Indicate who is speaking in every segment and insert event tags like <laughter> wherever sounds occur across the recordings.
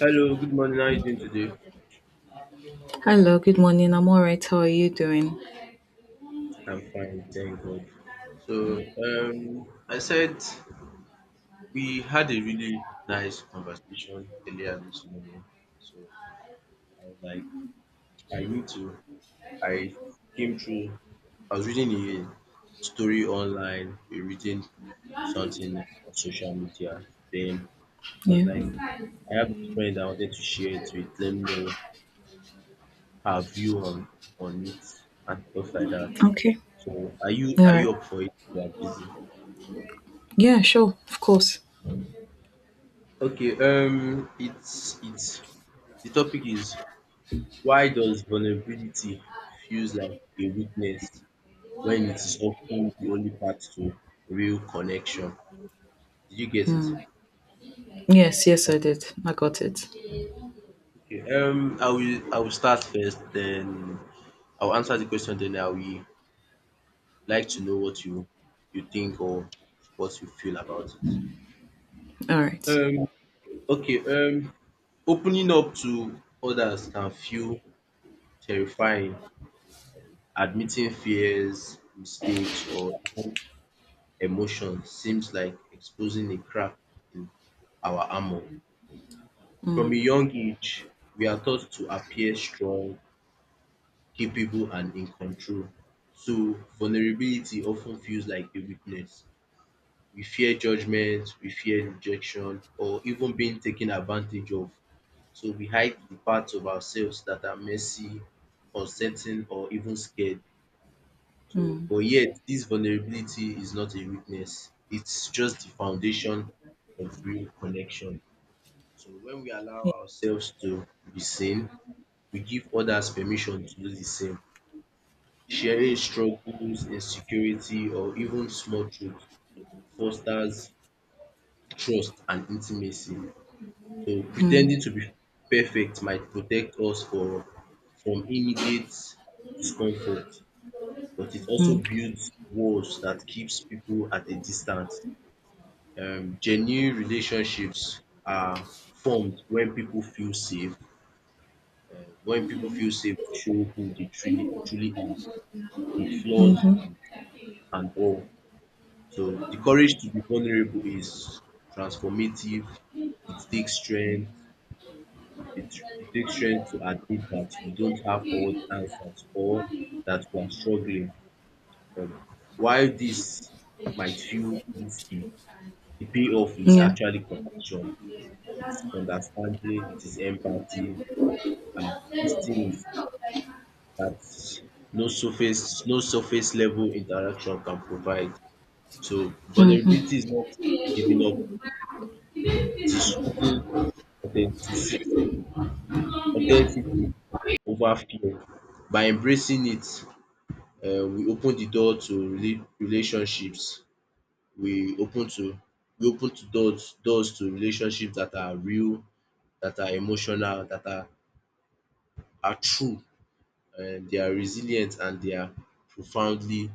Speaker 1: Hello, good morning. How are you doing today?
Speaker 2: Hello, good morning. I'm all right. How are you doing?
Speaker 1: I'm fine, thank God. I said we had a really nice conversation earlier this morning. So I was like, I need to. I came through. I was reading a story online, we reading something on social media. Then I was
Speaker 2: Yeah.
Speaker 1: like, I have a friend I wanted to share it with. Let me know her view on it and stuff like that.
Speaker 2: Okay.
Speaker 1: So, are you
Speaker 2: All
Speaker 1: are
Speaker 2: right.
Speaker 1: you up for it? You are busy.
Speaker 2: Yeah, sure. Of course.
Speaker 1: Okay, it's the topic is, why does vulnerability feels like a weakness when it's often the only path to real connection? Did you get it?
Speaker 2: Mm. Yes, yes, I did. I got it.
Speaker 1: Okay. I will start first, then I'll answer the question. Then I will like to know what you think or what you feel about it.
Speaker 2: All right.
Speaker 1: Um. Okay. Opening up to others can feel terrifying. Admitting fears, mistakes, or emotions seems like exposing a crack in our armor. From a
Speaker 2: Mm.
Speaker 1: young age, we are taught to appear strong, capable, and in control. So, vulnerability often feels like a weakness. We fear judgment, we fear rejection, or even being taken advantage of. So, we hide the parts of ourselves that are messy, uncertain, or even scared. So,
Speaker 2: Mm.
Speaker 1: but yet this vulnerability is not a weakness. It's just the foundation of real connection. So when we allow
Speaker 2: Yeah.
Speaker 1: ourselves to be seen, we give others permission to do the same. Sharing struggles, insecurity, or even small truths fosters trust and intimacy. So
Speaker 2: Mm.
Speaker 1: pretending to be perfect might from immediate discomfort, but it also
Speaker 2: Mm.
Speaker 1: builds walls that keeps people at a distance. Genuine relationships are formed when people feel safe. Uh, when people feel safe, to show who they truly are, the flaws and all. So the courage to be vulnerable is transformative. It takes strength. It, it takes strength to admit that we don't have all the answers or that we are struggling. Um, while this might feel risky, the payoff is
Speaker 2: Yeah,
Speaker 1: actually compassion, it's understanding, it is empathy, and these things that no surface level interaction can provide. So vulnerability is not giving up, it is choosing authenticity authenticity over fear. By embracing it, we open the door to relationships, we open to we open to doors to relationships that are real, that are emotional, that are true, they are resilient and they are profoundly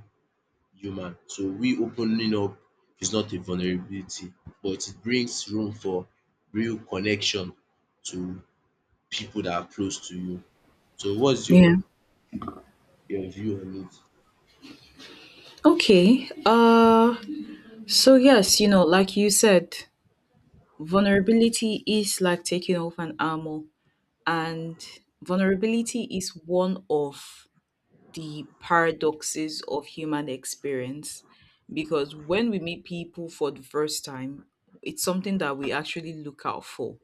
Speaker 1: human. So we opening up is not a vulnerability but it brings room for real connection to people that are close to you. So what's
Speaker 2: yeah.
Speaker 1: your view on it?
Speaker 2: Okay, so yes, you know, like you said, vulnerability is like taking off an armor, and vulnerability is one of the paradoxes of human experience, because when we meet people for the first time, it's something that we actually look out for.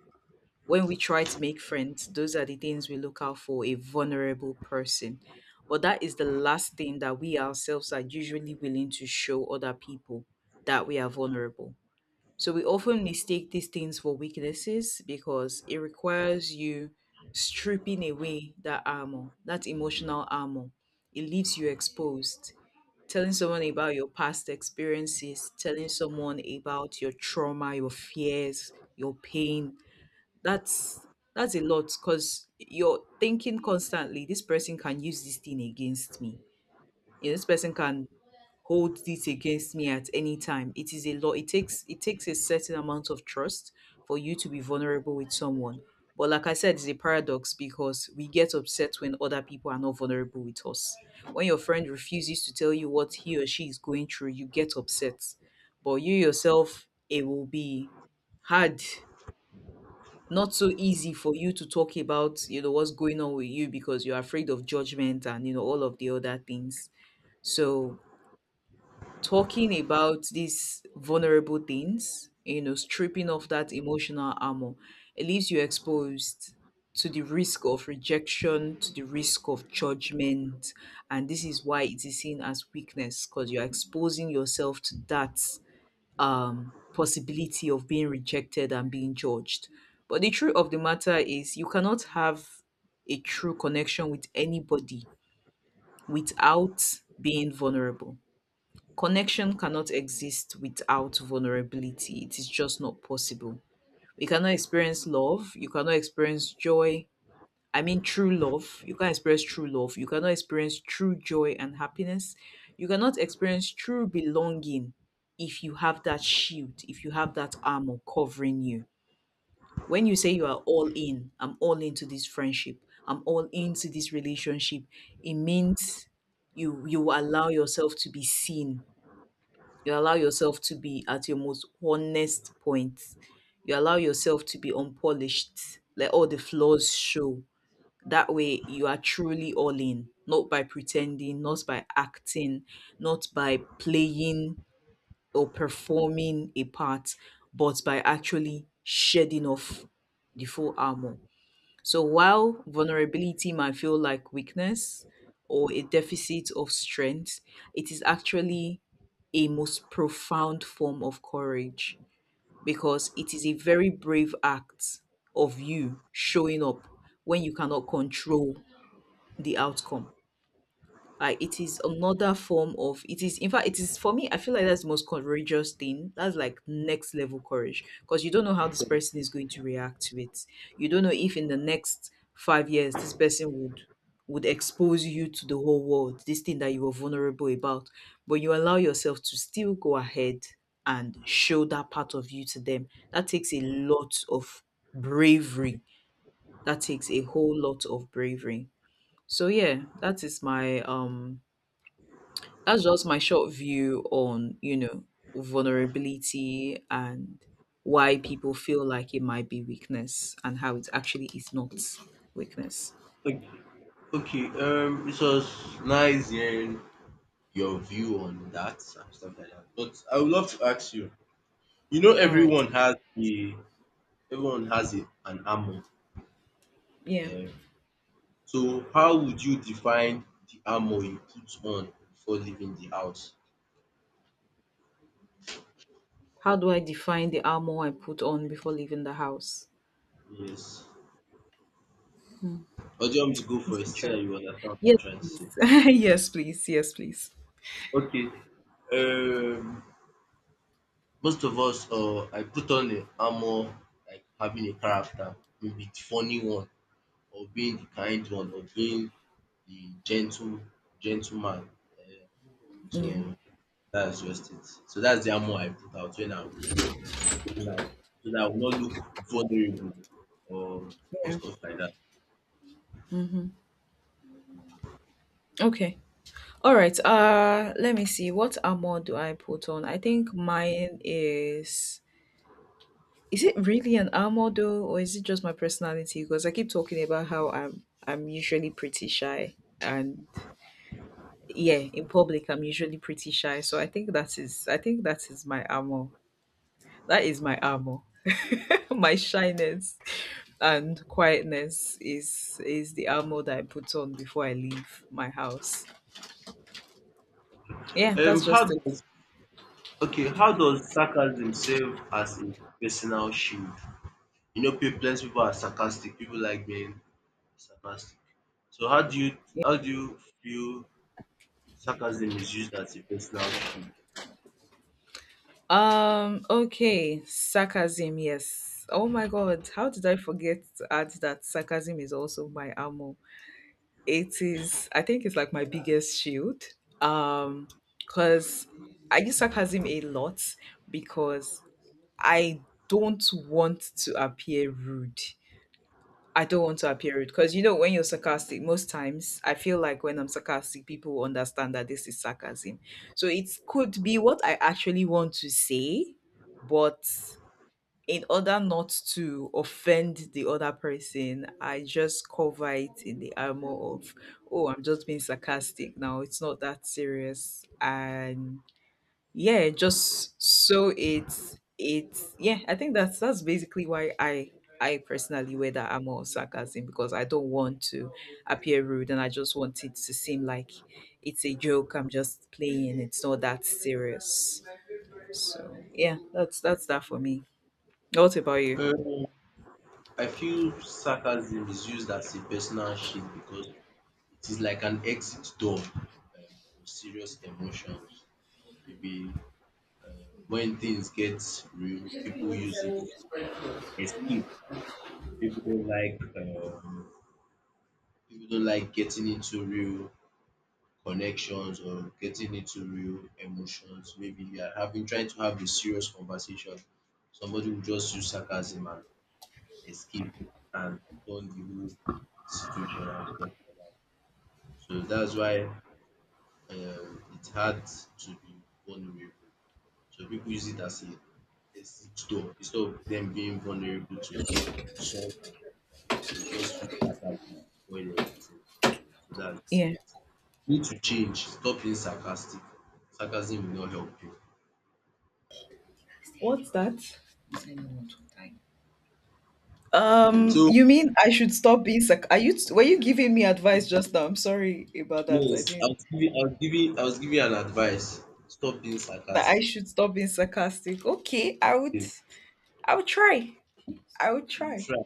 Speaker 2: When we try to make friends, those are the things we look out for, a vulnerable person. But that is the last thing that we ourselves are usually willing to show other people, that we are vulnerable. So we often mistake these things for weaknesses because it requires you stripping away that armor, that emotional armor. It leaves you exposed. Telling someone about your past experiences, telling someone about your trauma, your fears, your pain. That's that's a lot because you're thinking constantly, this person can use this thing against me. You know, this person can hold this against me at any time. It is a law. It takes a certain amount of trust for you to be vulnerable with someone. But like I said, it's a paradox because we get upset when other people are not vulnerable with us. When your friend refuses to tell you what he or she is going through, you get upset. But you yourself, it will be hard, not so easy for you to talk about, you know, what's going on with you because you're afraid of judgment and you know all of the other things. So talking about these vulnerable things, you know, stripping off that emotional armor, it leaves you exposed to the risk of rejection, to the risk of judgment. And this is why it is seen as weakness, because you're exposing yourself to that possibility of being rejected and being judged. But the truth of the matter is, you cannot have a true connection with anybody without being vulnerable. Connection cannot exist without vulnerability. It is just not possible. We cannot experience love. You cannot experience joy. I mean, true love. You can't experience true love. You cannot experience true joy and happiness. You cannot experience true belonging if you have that shield, if you have that armor covering you. When you say you are all in, I'm all into this friendship, I'm all into this relationship, it means you allow yourself to be seen, you allow yourself to be at your most honest point. You allow yourself to be unpolished. Let all the flaws show. That way, you are truly all in, not by pretending, not by acting, not by playing or performing a part, but by actually shedding off the full armor. So while vulnerability might feel like weakness or a deficit of strength, it is actually a most profound form of courage, because it is a very brave act of you showing up when you cannot control the outcome. It is another form of it is in fact it is, for me, I feel like that's the most courageous thing. That's like next level courage, because you don't know how this person is going to react to it. You don't know if in the next five years this person would expose you to the whole world this thing that you were vulnerable about, but you allow yourself to still go ahead and show that part of you to them. That takes a lot of bravery. That takes a whole lot of bravery. So yeah, that is my that's just my short view on, you know, vulnerability, and why people feel like it might be weakness and how it actually is not weakness.
Speaker 1: Okay, okay. It was nice hearing your view on that and stuff like that, but I would love to ask you, you know,
Speaker 2: All right.
Speaker 1: everyone has a an armor.
Speaker 2: Yeah.
Speaker 1: um So how would you define the armor you put on before leaving the house?
Speaker 2: How do I define the armor I put on before leaving the house?
Speaker 1: Yes. Or do you want me to go
Speaker 2: That's
Speaker 1: first so
Speaker 2: interesting.
Speaker 1: that you understand what I'm
Speaker 2: Yes,
Speaker 1: trying to
Speaker 2: please.
Speaker 1: say?
Speaker 2: <laughs> Yes, please, yes, please.
Speaker 1: Okay. Um, most of us, I put on the armor like having a character, maybe the funny one, or being the kind one, or being the gentleman. Uh,
Speaker 2: Yeah.
Speaker 1: so that's just it. So that's the armor I put out when I'm going out, so that I will not look vulnerable or or
Speaker 2: Yeah.
Speaker 1: stuff like that.
Speaker 2: Hmm. Okay. All right, let me see, what armor do I put on? I think mine is it really an armor though, or is it just my personality? Because I keep talking about how I'm usually pretty shy. And yeah, in public I'm usually pretty shy. So I think that is I think that is my armor. That is my armor. <laughs> My shyness and quietness is the armor that I put on before I leave my house. Yeah, that's
Speaker 1: How
Speaker 2: just it.
Speaker 1: does okay, how does sarcasm serve as a personal shield? You know, plenty people are sarcastic. People like being sarcastic. So how do you feel sarcasm is used as a personal shield?
Speaker 2: Okay, sarcasm, yes. Oh my god, how did I forget to add that sarcasm is also my armor? It is, I think it's like my biggest shield. Um, because I use sarcasm a lot because I don't want to appear rude. I don't want to appear rude because you know when you're sarcastic, most times I feel like when I'm sarcastic, people understand that this is sarcasm. So it could be what I actually want to say, but in order not to offend the other person, I just cover it in the armor of, oh, I'm just being sarcastic now. It's not that serious. And yeah, just so it's yeah, I think that's basically why I personally wear that armor of sarcasm, because I don't want to appear rude and I just want it to seem like it's a joke, I'm just playing, it's not that serious. So
Speaker 1: Yeah.
Speaker 2: yeah, that's that for me. What about you?
Speaker 1: Um, I feel sarcasm is used as a personal shield because it is like an exit door, for serious emotions. Maybe uh, when things get real, people use it to escape. People don't like, um, people don't like getting into real connections or getting into real emotions. Maybe you are having trying to have a serious conversation. Somebody will just use sarcasm and escape and turn the whole situation and stuff like that. So that's why, it's hard to be vulnerable. So people use it as a exit door instead of them being vulnerable to someone. You just use sarcasm and spoil everything. So that's
Speaker 2: Yeah.
Speaker 1: need to change. Stop being sarcastic. Sarcasm will not help you.
Speaker 2: What's that?
Speaker 1: So
Speaker 2: You mean I should stop being are you were you giving me advice just now? I'm sorry about that, I
Speaker 1: yes, I
Speaker 2: didn't
Speaker 1: was giving I was giving I was giving an advice. Stop being
Speaker 2: that I
Speaker 1: sarcastic.
Speaker 2: should stop being sarcastic. Okay,
Speaker 1: Okay,
Speaker 2: I would try. I would
Speaker 1: you
Speaker 2: try.
Speaker 1: try.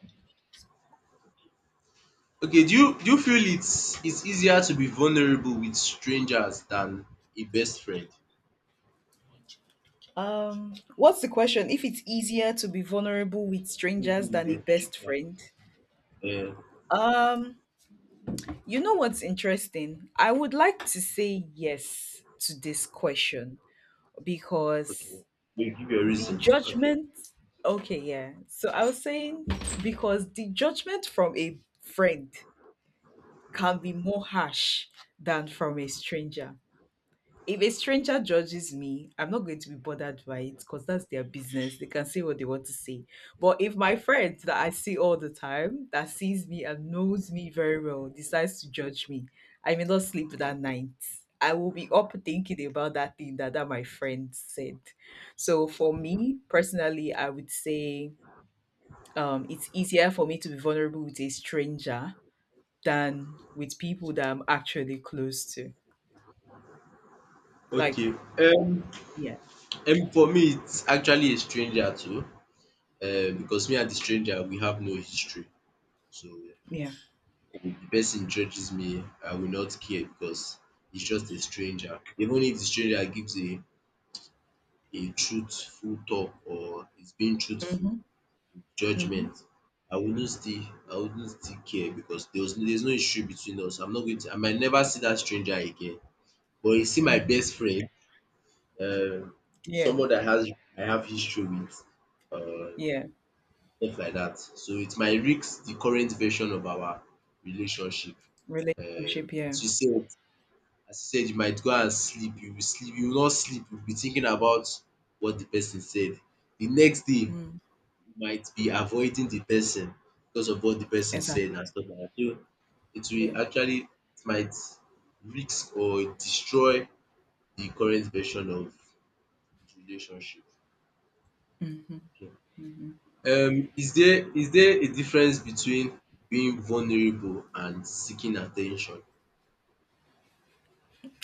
Speaker 1: Okay, do you feel it's easier to be vulnerable with strangers than a best friend?
Speaker 2: What's the question? If it's easier to be vulnerable with
Speaker 1: Maybe
Speaker 2: strangers
Speaker 1: with
Speaker 2: than a
Speaker 1: a
Speaker 2: best
Speaker 1: stranger.
Speaker 2: friend?
Speaker 1: Eh,
Speaker 2: Um you know what's interesting? I would like to say yes to this question
Speaker 1: okay.
Speaker 2: because
Speaker 1: You give your
Speaker 2: the
Speaker 1: reason. Okay.
Speaker 2: judgment okay, yeah. So I was saying, because the judgment from a friend can be more harsh than from a stranger. If a stranger judges me, I'm not going to be bothered by it because that's their business. They can say what they want to say. But if my friend that I see all the time, that sees me and knows me very well, decides to judge me, I may not sleep that night. I will be up thinking about that thing that, that my friend said. So for me personally, I would say it's easier for me to be vulnerable with a stranger than with people that I'm actually close to.
Speaker 1: Okay.
Speaker 2: Like,
Speaker 1: Um,
Speaker 2: yeah,
Speaker 1: for me it's actually a stranger too. Because me and the stranger we have no history. So
Speaker 2: yeah.
Speaker 1: if the person judges me, I will not care because it's just a stranger. Even if the stranger gives a truthful talk or is being truthful
Speaker 2: Mhm.
Speaker 1: judgment,
Speaker 2: Mhm,
Speaker 1: I wouldn't still I wouldn't still care because there's no issue between us. I'm not going to I might never see that stranger again. But you see my
Speaker 2: mhm.
Speaker 1: best friend, um
Speaker 2: Yeah,
Speaker 1: someone that has I have history with, um
Speaker 2: yeah.
Speaker 1: stuff like that, so it might risk the current version of our relationship.
Speaker 2: Relationship, yeah.
Speaker 1: She said, as you said, you might go and sleep, you will not sleep, you will be thinking about what the person said. The next day
Speaker 2: Mm,
Speaker 1: you might be avoiding the person because of what the person said
Speaker 2: exactly.
Speaker 1: and stuff like that. So it
Speaker 2: Yeah.
Speaker 1: will actually, it might risk or destroy the current version of the relationship. Is there a difference between being vulnerable and seeking attention?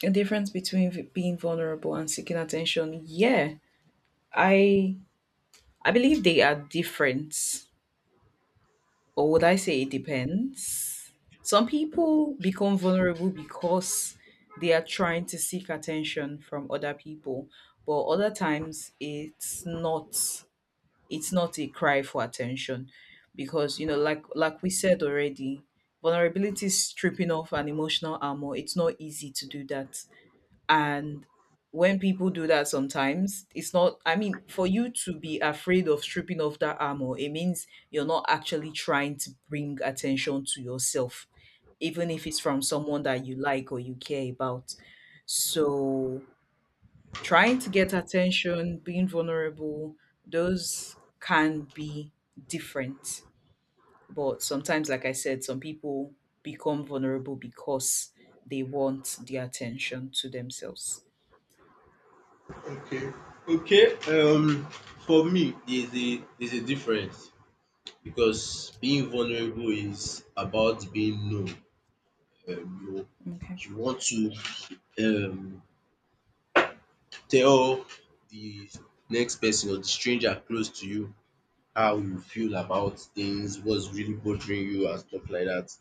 Speaker 2: A difference between being vulnerable and seeking attention. Yeah. I I believe they are different. Or would I say it depends? Some people become vulnerable because they are trying to seek attention from other people, but other times it's not, it's not a cry for attention, because, you know, like we said already, vulnerability is stripping off an emotional armor. It's not easy to do that. And when people do that sometimes, it's not, I mean, for you to be afraid of stripping off that armor, it means you're not actually trying to bring attention to yourself, even if it's from someone that you like or you care about. So trying to get attention, being vulnerable, those can be different. But sometimes, like I said, some people become vulnerable because they want the attention to themselves.
Speaker 1: Okay, okay, for me there's a difference, because being vulnerable is about being known. um you
Speaker 2: Okay.
Speaker 1: you want to, um tell the next person or the stranger close to you how you feel about things, what's really bothering you and stuff like that.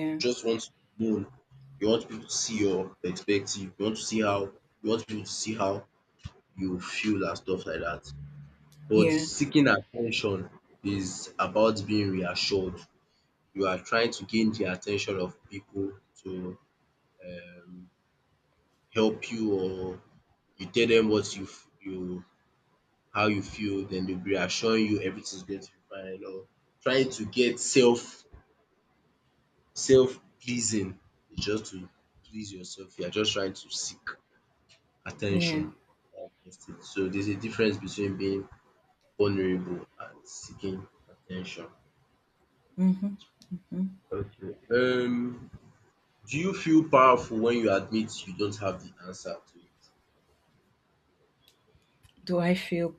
Speaker 1: You just want to know. You want people to see your perspective, you want people to see how you feel and stuff like that. But
Speaker 2: Yeah.
Speaker 1: seeking attention is about being reassured. You are trying to gain the attention of people to, um help you, or you tell them what you how you feel, den dey be reassuring you everything's going to be fine, or trying to get self pleasing, is just to please yourself. You are just trying to seek attention
Speaker 2: Yeah.
Speaker 1: and prestige. So there's a difference between being vulnerable and seeking attention.
Speaker 2: Mm-hmm. Mm-hmm.
Speaker 1: Okay. Do you feel powerful when you admit you don't have the answer to
Speaker 2: Do I feel?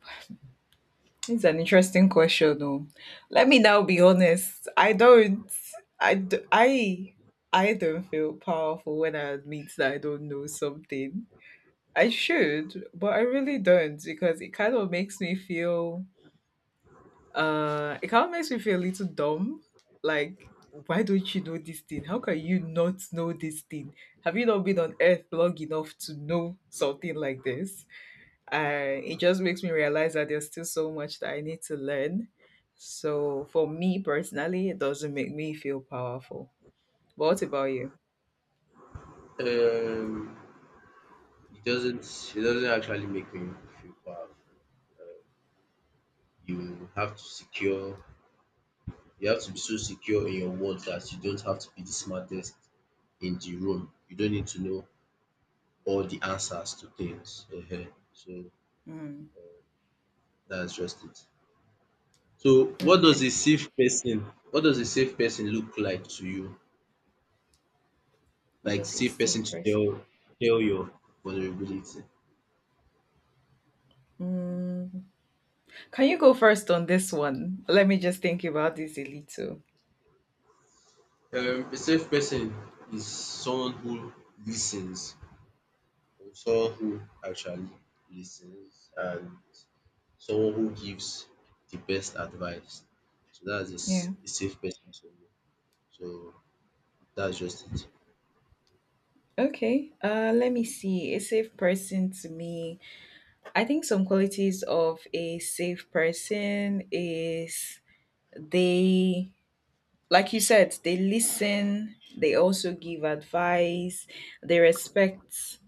Speaker 2: It's an interesting question, though. Let me now be honest. I don't. I. d- I. I don't feel powerful when I admit that I don't know something I should, but I really don't because it kind of makes me feel it kind of makes me feel a little dumb. Like, why don't you know this thing? How can you not know this thing? Have you not been on earth long enough to know something like this? It just makes me realize that there's still so much that I need to learn. So for me personally, it doesn't make me feel powerful. What about you?
Speaker 1: it? It doesn't actually make me feel powerful. Um you have to secure you have to be so secure in your words that you don't have to be the smartest in the room. You don't need to know all the answers to things. Ehen. So
Speaker 2: Mm,
Speaker 1: that's just it. So
Speaker 2: okay.
Speaker 1: what does a safe person look like to you?
Speaker 2: What
Speaker 1: Like
Speaker 2: does a
Speaker 1: safe person
Speaker 2: safe
Speaker 1: to
Speaker 2: person?
Speaker 1: tell your vulnerability.
Speaker 2: Mm, can you go first on this one? Let me just think about this a little.
Speaker 1: A safe person is someone who listens, or someone who actually listens, and someone who gives the best advice. So that's
Speaker 2: Yeah.
Speaker 1: a safe person to me. So that's just it.
Speaker 2: Okay. Let me see. A safe person to me. I think some qualities of a safe person is they like you said, they listen, they also give advice, they respect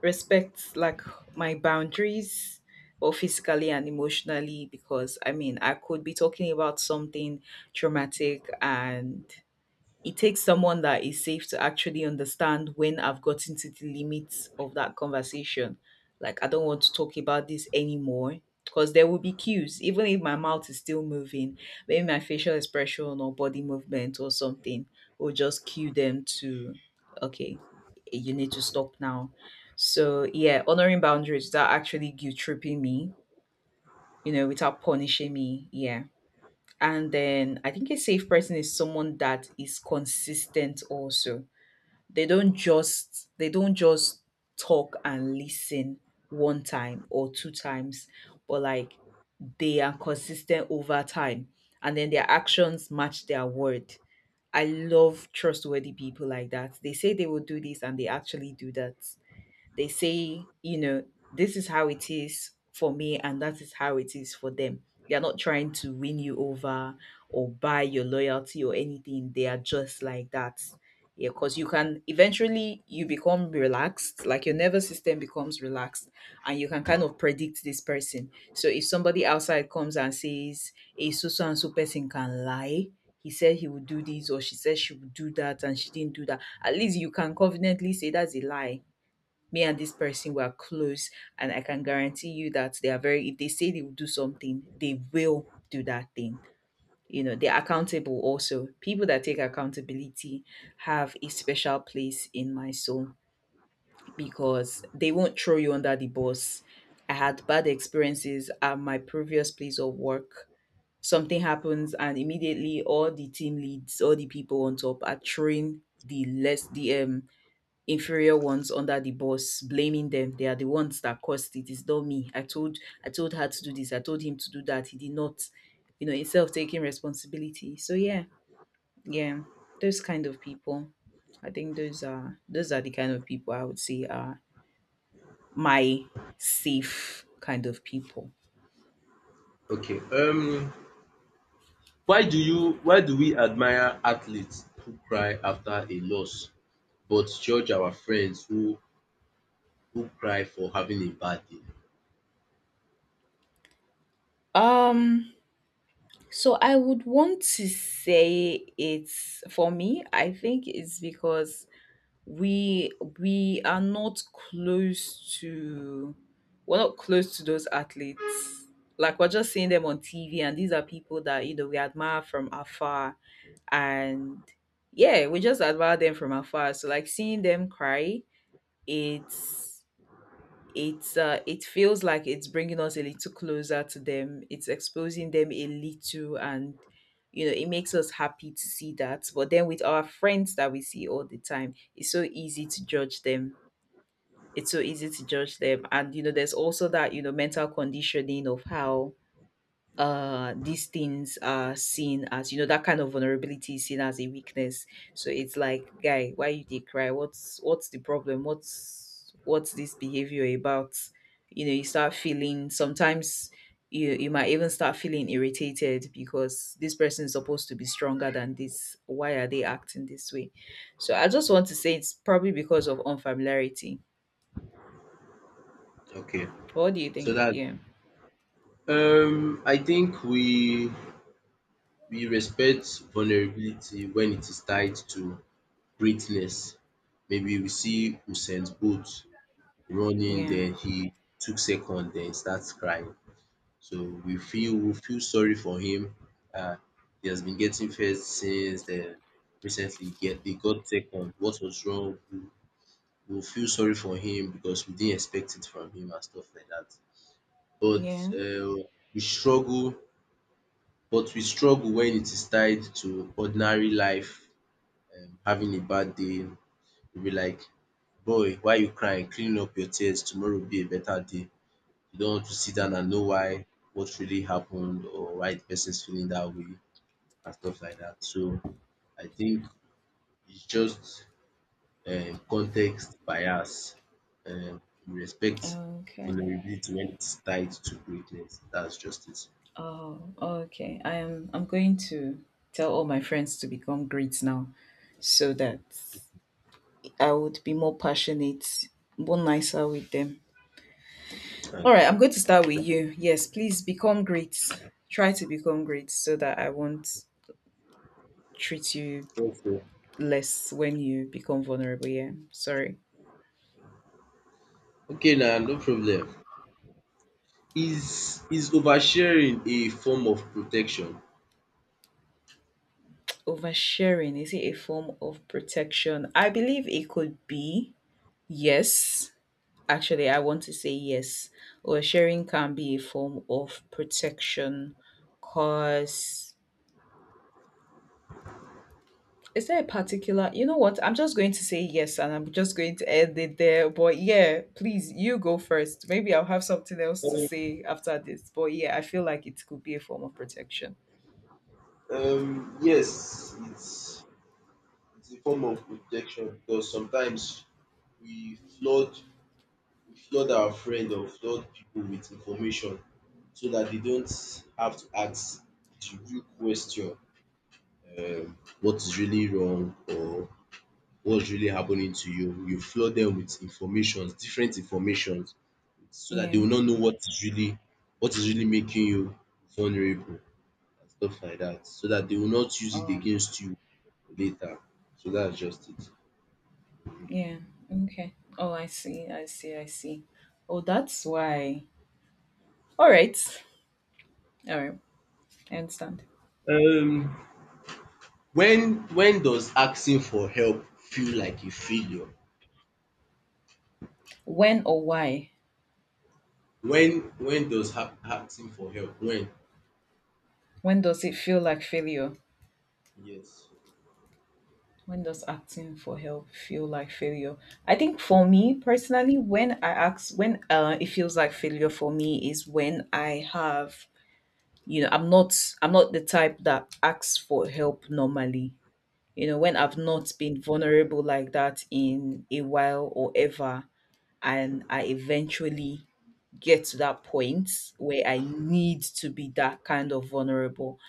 Speaker 2: like my boundaries, both physically and emotionally, because I mean I could be talking about something traumatic and it takes someone that is safe to actually understand when I've gotten to the limits of that conversation. Like, I don't want to talk about this anymore. Because there will be cues, even if my mouth is still moving, maybe my facial expression or body movement or something will just cue them to, okay, you need to stop now. So, yeah, honoring boundaries without actually guilt tripping me, without punishing me. Yeah. And then I think a safe person is someone that is consistent also. They don't just talk and listen one time or two times, but like they are consistent over time, and then their actions match their word. I love trustworthy people like that. They say they will do this and they actually do that. They say, this is how it is for me and that is how it is for them. They're not trying to win you over or buy your loyalty or anything. They are just like that. Yeah, because you can eventually you become relaxed, like your nervous system becomes relaxed, and you can kind of predict this person. So if somebody outside comes and says a so and so person can lie, he said he would do this or she said she would do that, and she didn't do that. At least you can confidently say that's a lie. Me and this person were close, and I can guarantee you that they are very, if they say they will do something, they will do that thing. You know, they're accountable. Also, people that take accountability have a special place in my soul, because they won't throw you under the bus. I had bad experiences at my previous place of work. Something happens, and immediately all the team leads, all the people on top are throwing the inferior ones under the boss, blaming them. They are the ones that caused it. It's not me. I told her to do this, I told him to do that, he did not, you know, instead of taking responsibility. So, yeah. Yeah. Those kind of people. I think those are the kind of people I would say are my safe kind of people.
Speaker 1: Okay. Why do we admire athletes who cry after a loss, but judge our friends who cry for having a bad day?
Speaker 2: Um so I would want to say, it's for me, I think it's because we we are not close to we're not close to those athletes. Like, we're just seeing them on TV, and these are people that, we admire from afar. And yeah, we just admire them from afar. So like, seeing them cry, it's it feels like it's bringing us a little closer to them. It's exposing them a little. And it makes us happy to see that. But then with our friends that we see all the time, it's so easy to judge them. It's so easy to judge them. And there's also that mental conditioning of how these things are seen as, that kind of vulnerability is seen as a weakness. So it's like, guy, why you did cry? What's the problem? What's this behavior about? You start feeling sometimes, you might even start feeling irritated because this person is supposed to be stronger than this. Why are they acting this way? So I just want to say, it's probably because of unfamiliarity.
Speaker 1: Okay,
Speaker 2: What do you
Speaker 1: so
Speaker 2: think?
Speaker 1: that,
Speaker 2: Yeah.
Speaker 1: I think we respect vulnerability when it is tied to greatness. Maybe we see Usain Bolt running,
Speaker 2: Yeah,
Speaker 1: then he took second, then starts crying. So we feel, we feel sorry for him. Uh, he has been getting first since then. Recently, he got second. What was wrong? We will feel sorry for him because we didn't expect it from him and stuff like that. But,
Speaker 2: yeah,
Speaker 1: uh, we struggle, but we struggle when it is tied to ordinary life, having a bad day. We'll be like, boy, why you crying? Clean up your tears. Tomorrow will be a better day. You don't want to sit down and know why, what really happened, or why the person's feeling that way and stuff like that. So I think it's just, context bias. um We respect
Speaker 2: okay.
Speaker 1: vulnerability when it's tied to greatness. That's just it.
Speaker 2: Oh, okay. I'm going to tell all my friends to become great now, so that I would be more passionate, more nicer with them. All
Speaker 1: Okay.
Speaker 2: right, I'm going to start with you. Yes, please become great. Try to become great so that I won't treat you
Speaker 1: Okay
Speaker 2: less when you become vulnerable. Yeah. Sorry.
Speaker 1: okay, now no problem. Is oversharing a form of protection?
Speaker 2: Oversharing, is it a form of protection? I believe it could be. Yes. Actually, I want to say yes. Oversharing can be a form of protection. Cause, is there a particular? You know what? I'm just going to say yes, and I'm just going to end it there. But yeah, please, you go first. Maybe I'll have something else to say after this. But yeah, I feel like it could be a form of protection.
Speaker 1: Yes, it's a form of protection because sometimes we flood we flood our friend or flood people with information so that they don't have to ask the real question, what is really wrong or what's really happening to you. You flood them with informations, different informations, so that they
Speaker 2: Yeah.
Speaker 1: will not know what is really making you vulnerable and stuff like that. So that they will not use it
Speaker 2: Oh, okay.
Speaker 1: against you later. So that's just it.
Speaker 2: Yeah. Okay. Oh, I see. I see. I see. Oh, that's why. All right. All right. I understand.
Speaker 1: Um, when does asking for help feel like a failure?
Speaker 2: When or why?
Speaker 1: Asking for help? When?
Speaker 2: When does it feel like failure?
Speaker 1: Yes.
Speaker 2: When does asking for help feel like failure? I think for me personally, when I ask, when it feels like failure for me is when I have, you know, I'm not the type that asks for help normally. You know, when I've not been vulnerable like that in a while or ever, and I eventually get to that point where I need to be that kind of vulnerable.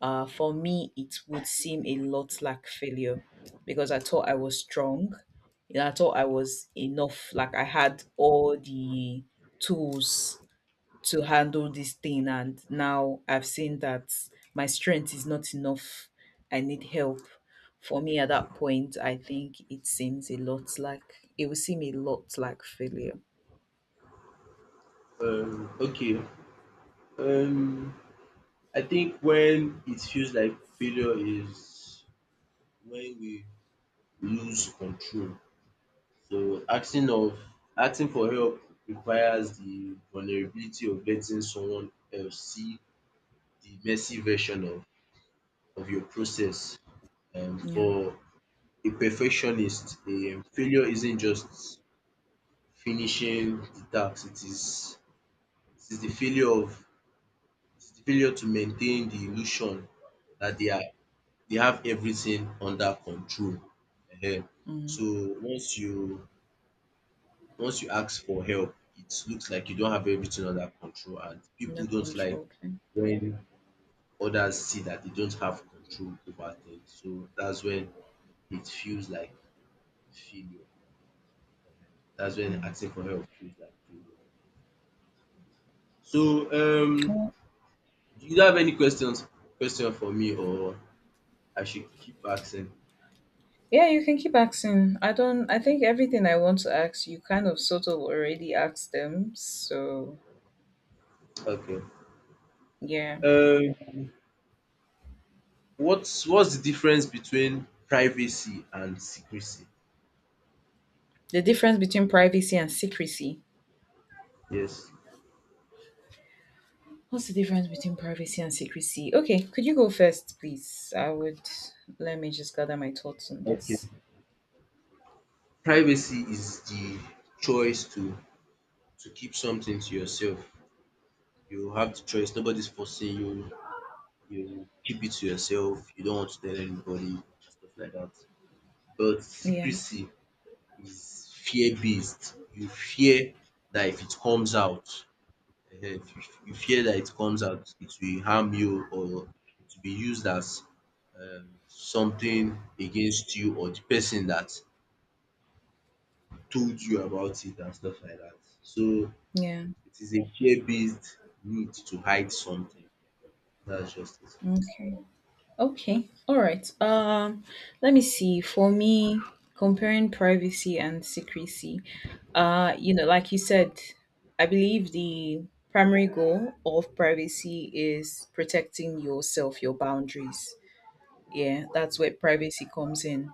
Speaker 2: For me, it would seem a lot like failure, because I thought I was strong. You know, I thought I was enough. Like, I had all the tools to handle this thing, and now I've seen that my strength is not enough. I need help. For me, at that point, I think it would seem a lot like failure.
Speaker 1: Okay. Um, I think when it feels like failure is when we lose control. So asking for help requires the vulnerability of letting someone else see the messy version of your process.
Speaker 2: Yeah.
Speaker 1: For a perfectionist, failure isn't just finishing the task, it is the failure of it is the failure to maintain the illusion that they have everything under control. Ehen. So once you ask for help, it looks like you don't have everything under control and
Speaker 2: Under
Speaker 1: people don't like
Speaker 2: control. Okay.
Speaker 1: when others see that they don't have control over things. So that's when it feels like failure. Ehen. Dats when
Speaker 2: Mm.
Speaker 1: asking for help feels like failure. So, um
Speaker 2: Well,
Speaker 1: do you have any question for me or I should keep asking?
Speaker 2: yeah, you can keep asking. I don't I think everything I want to ask you kind of sort of already asked them. So,
Speaker 1: Okay.
Speaker 2: yeah.
Speaker 1: um what's the difference between privacy and secrecy?
Speaker 2: The difference between privacy and secrecy.
Speaker 1: Yes.
Speaker 2: What's the difference between privacy and secrecy? Okay, could you go first, please? I would Let me just gather my thoughts on
Speaker 1: Okay.
Speaker 2: this.
Speaker 1: Privacy is the choice to keep something to yourself. You have the choice. Nobody's forcing you. You keep it to yourself. You don't want to tell anybody, stuff like that. But
Speaker 2: Yeah.
Speaker 1: secrecy is fear based. You fear that if it comes out, ehen, if you you fear that it comes out it will harm you or it will be used as, something against you or the person that told you about it and stuff like that. So
Speaker 2: Yeah.
Speaker 1: it is a fear based need to hide something. That's just it.
Speaker 2: Okay. Okay. All right. Let me see. For me, comparing privacy and secrecy, like you said, I believe the primary goal of privacy is protecting yourself, your boundaries. Yeah, that's where privacy comes in.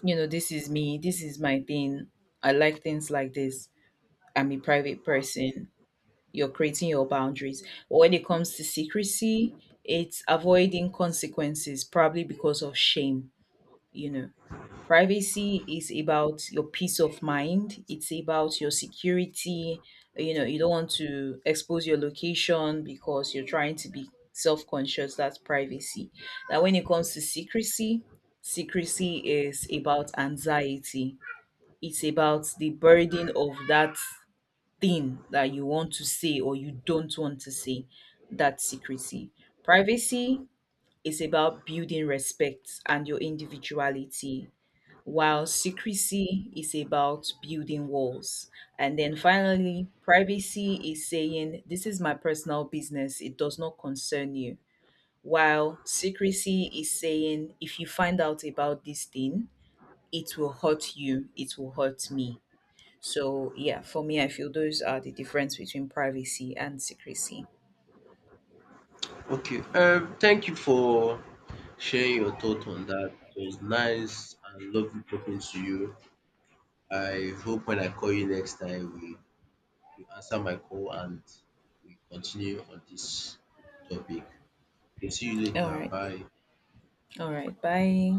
Speaker 2: You know, this is me, this is my thing. I like things like this. I'm a private person. You're creating your boundaries. But when it comes to secrecy, it's avoiding consequences, probably because of shame, you know. Privacy is about your peace of mind. It's about your security. You don't want to expose your location because you're trying to be self conscious. That's privacy. Now, when it comes to secrecy, secrecy is about anxiety. It's about the burden of that thing that you want to say or you don't want to say. That's secrecy. Privacy is about building respect and your individuality, while secrecy is about building walls. And then finally, privacy is saying, "This is my personal business, it does not concern you." While secrecy is saying, "If you find out about this thing, it will hurt you, it will hurt me." So, yeah, for me, I feel those are the difference between privacy and secrecy.
Speaker 1: Okay, thank you for sharing your thought on that. It was nice and lovely talking to you. I hope when I call you next time we you answer my call and we continue on dis topic. Okay, see you
Speaker 2: All
Speaker 1: later.
Speaker 2: right.
Speaker 1: Bye.
Speaker 2: All right. Bye.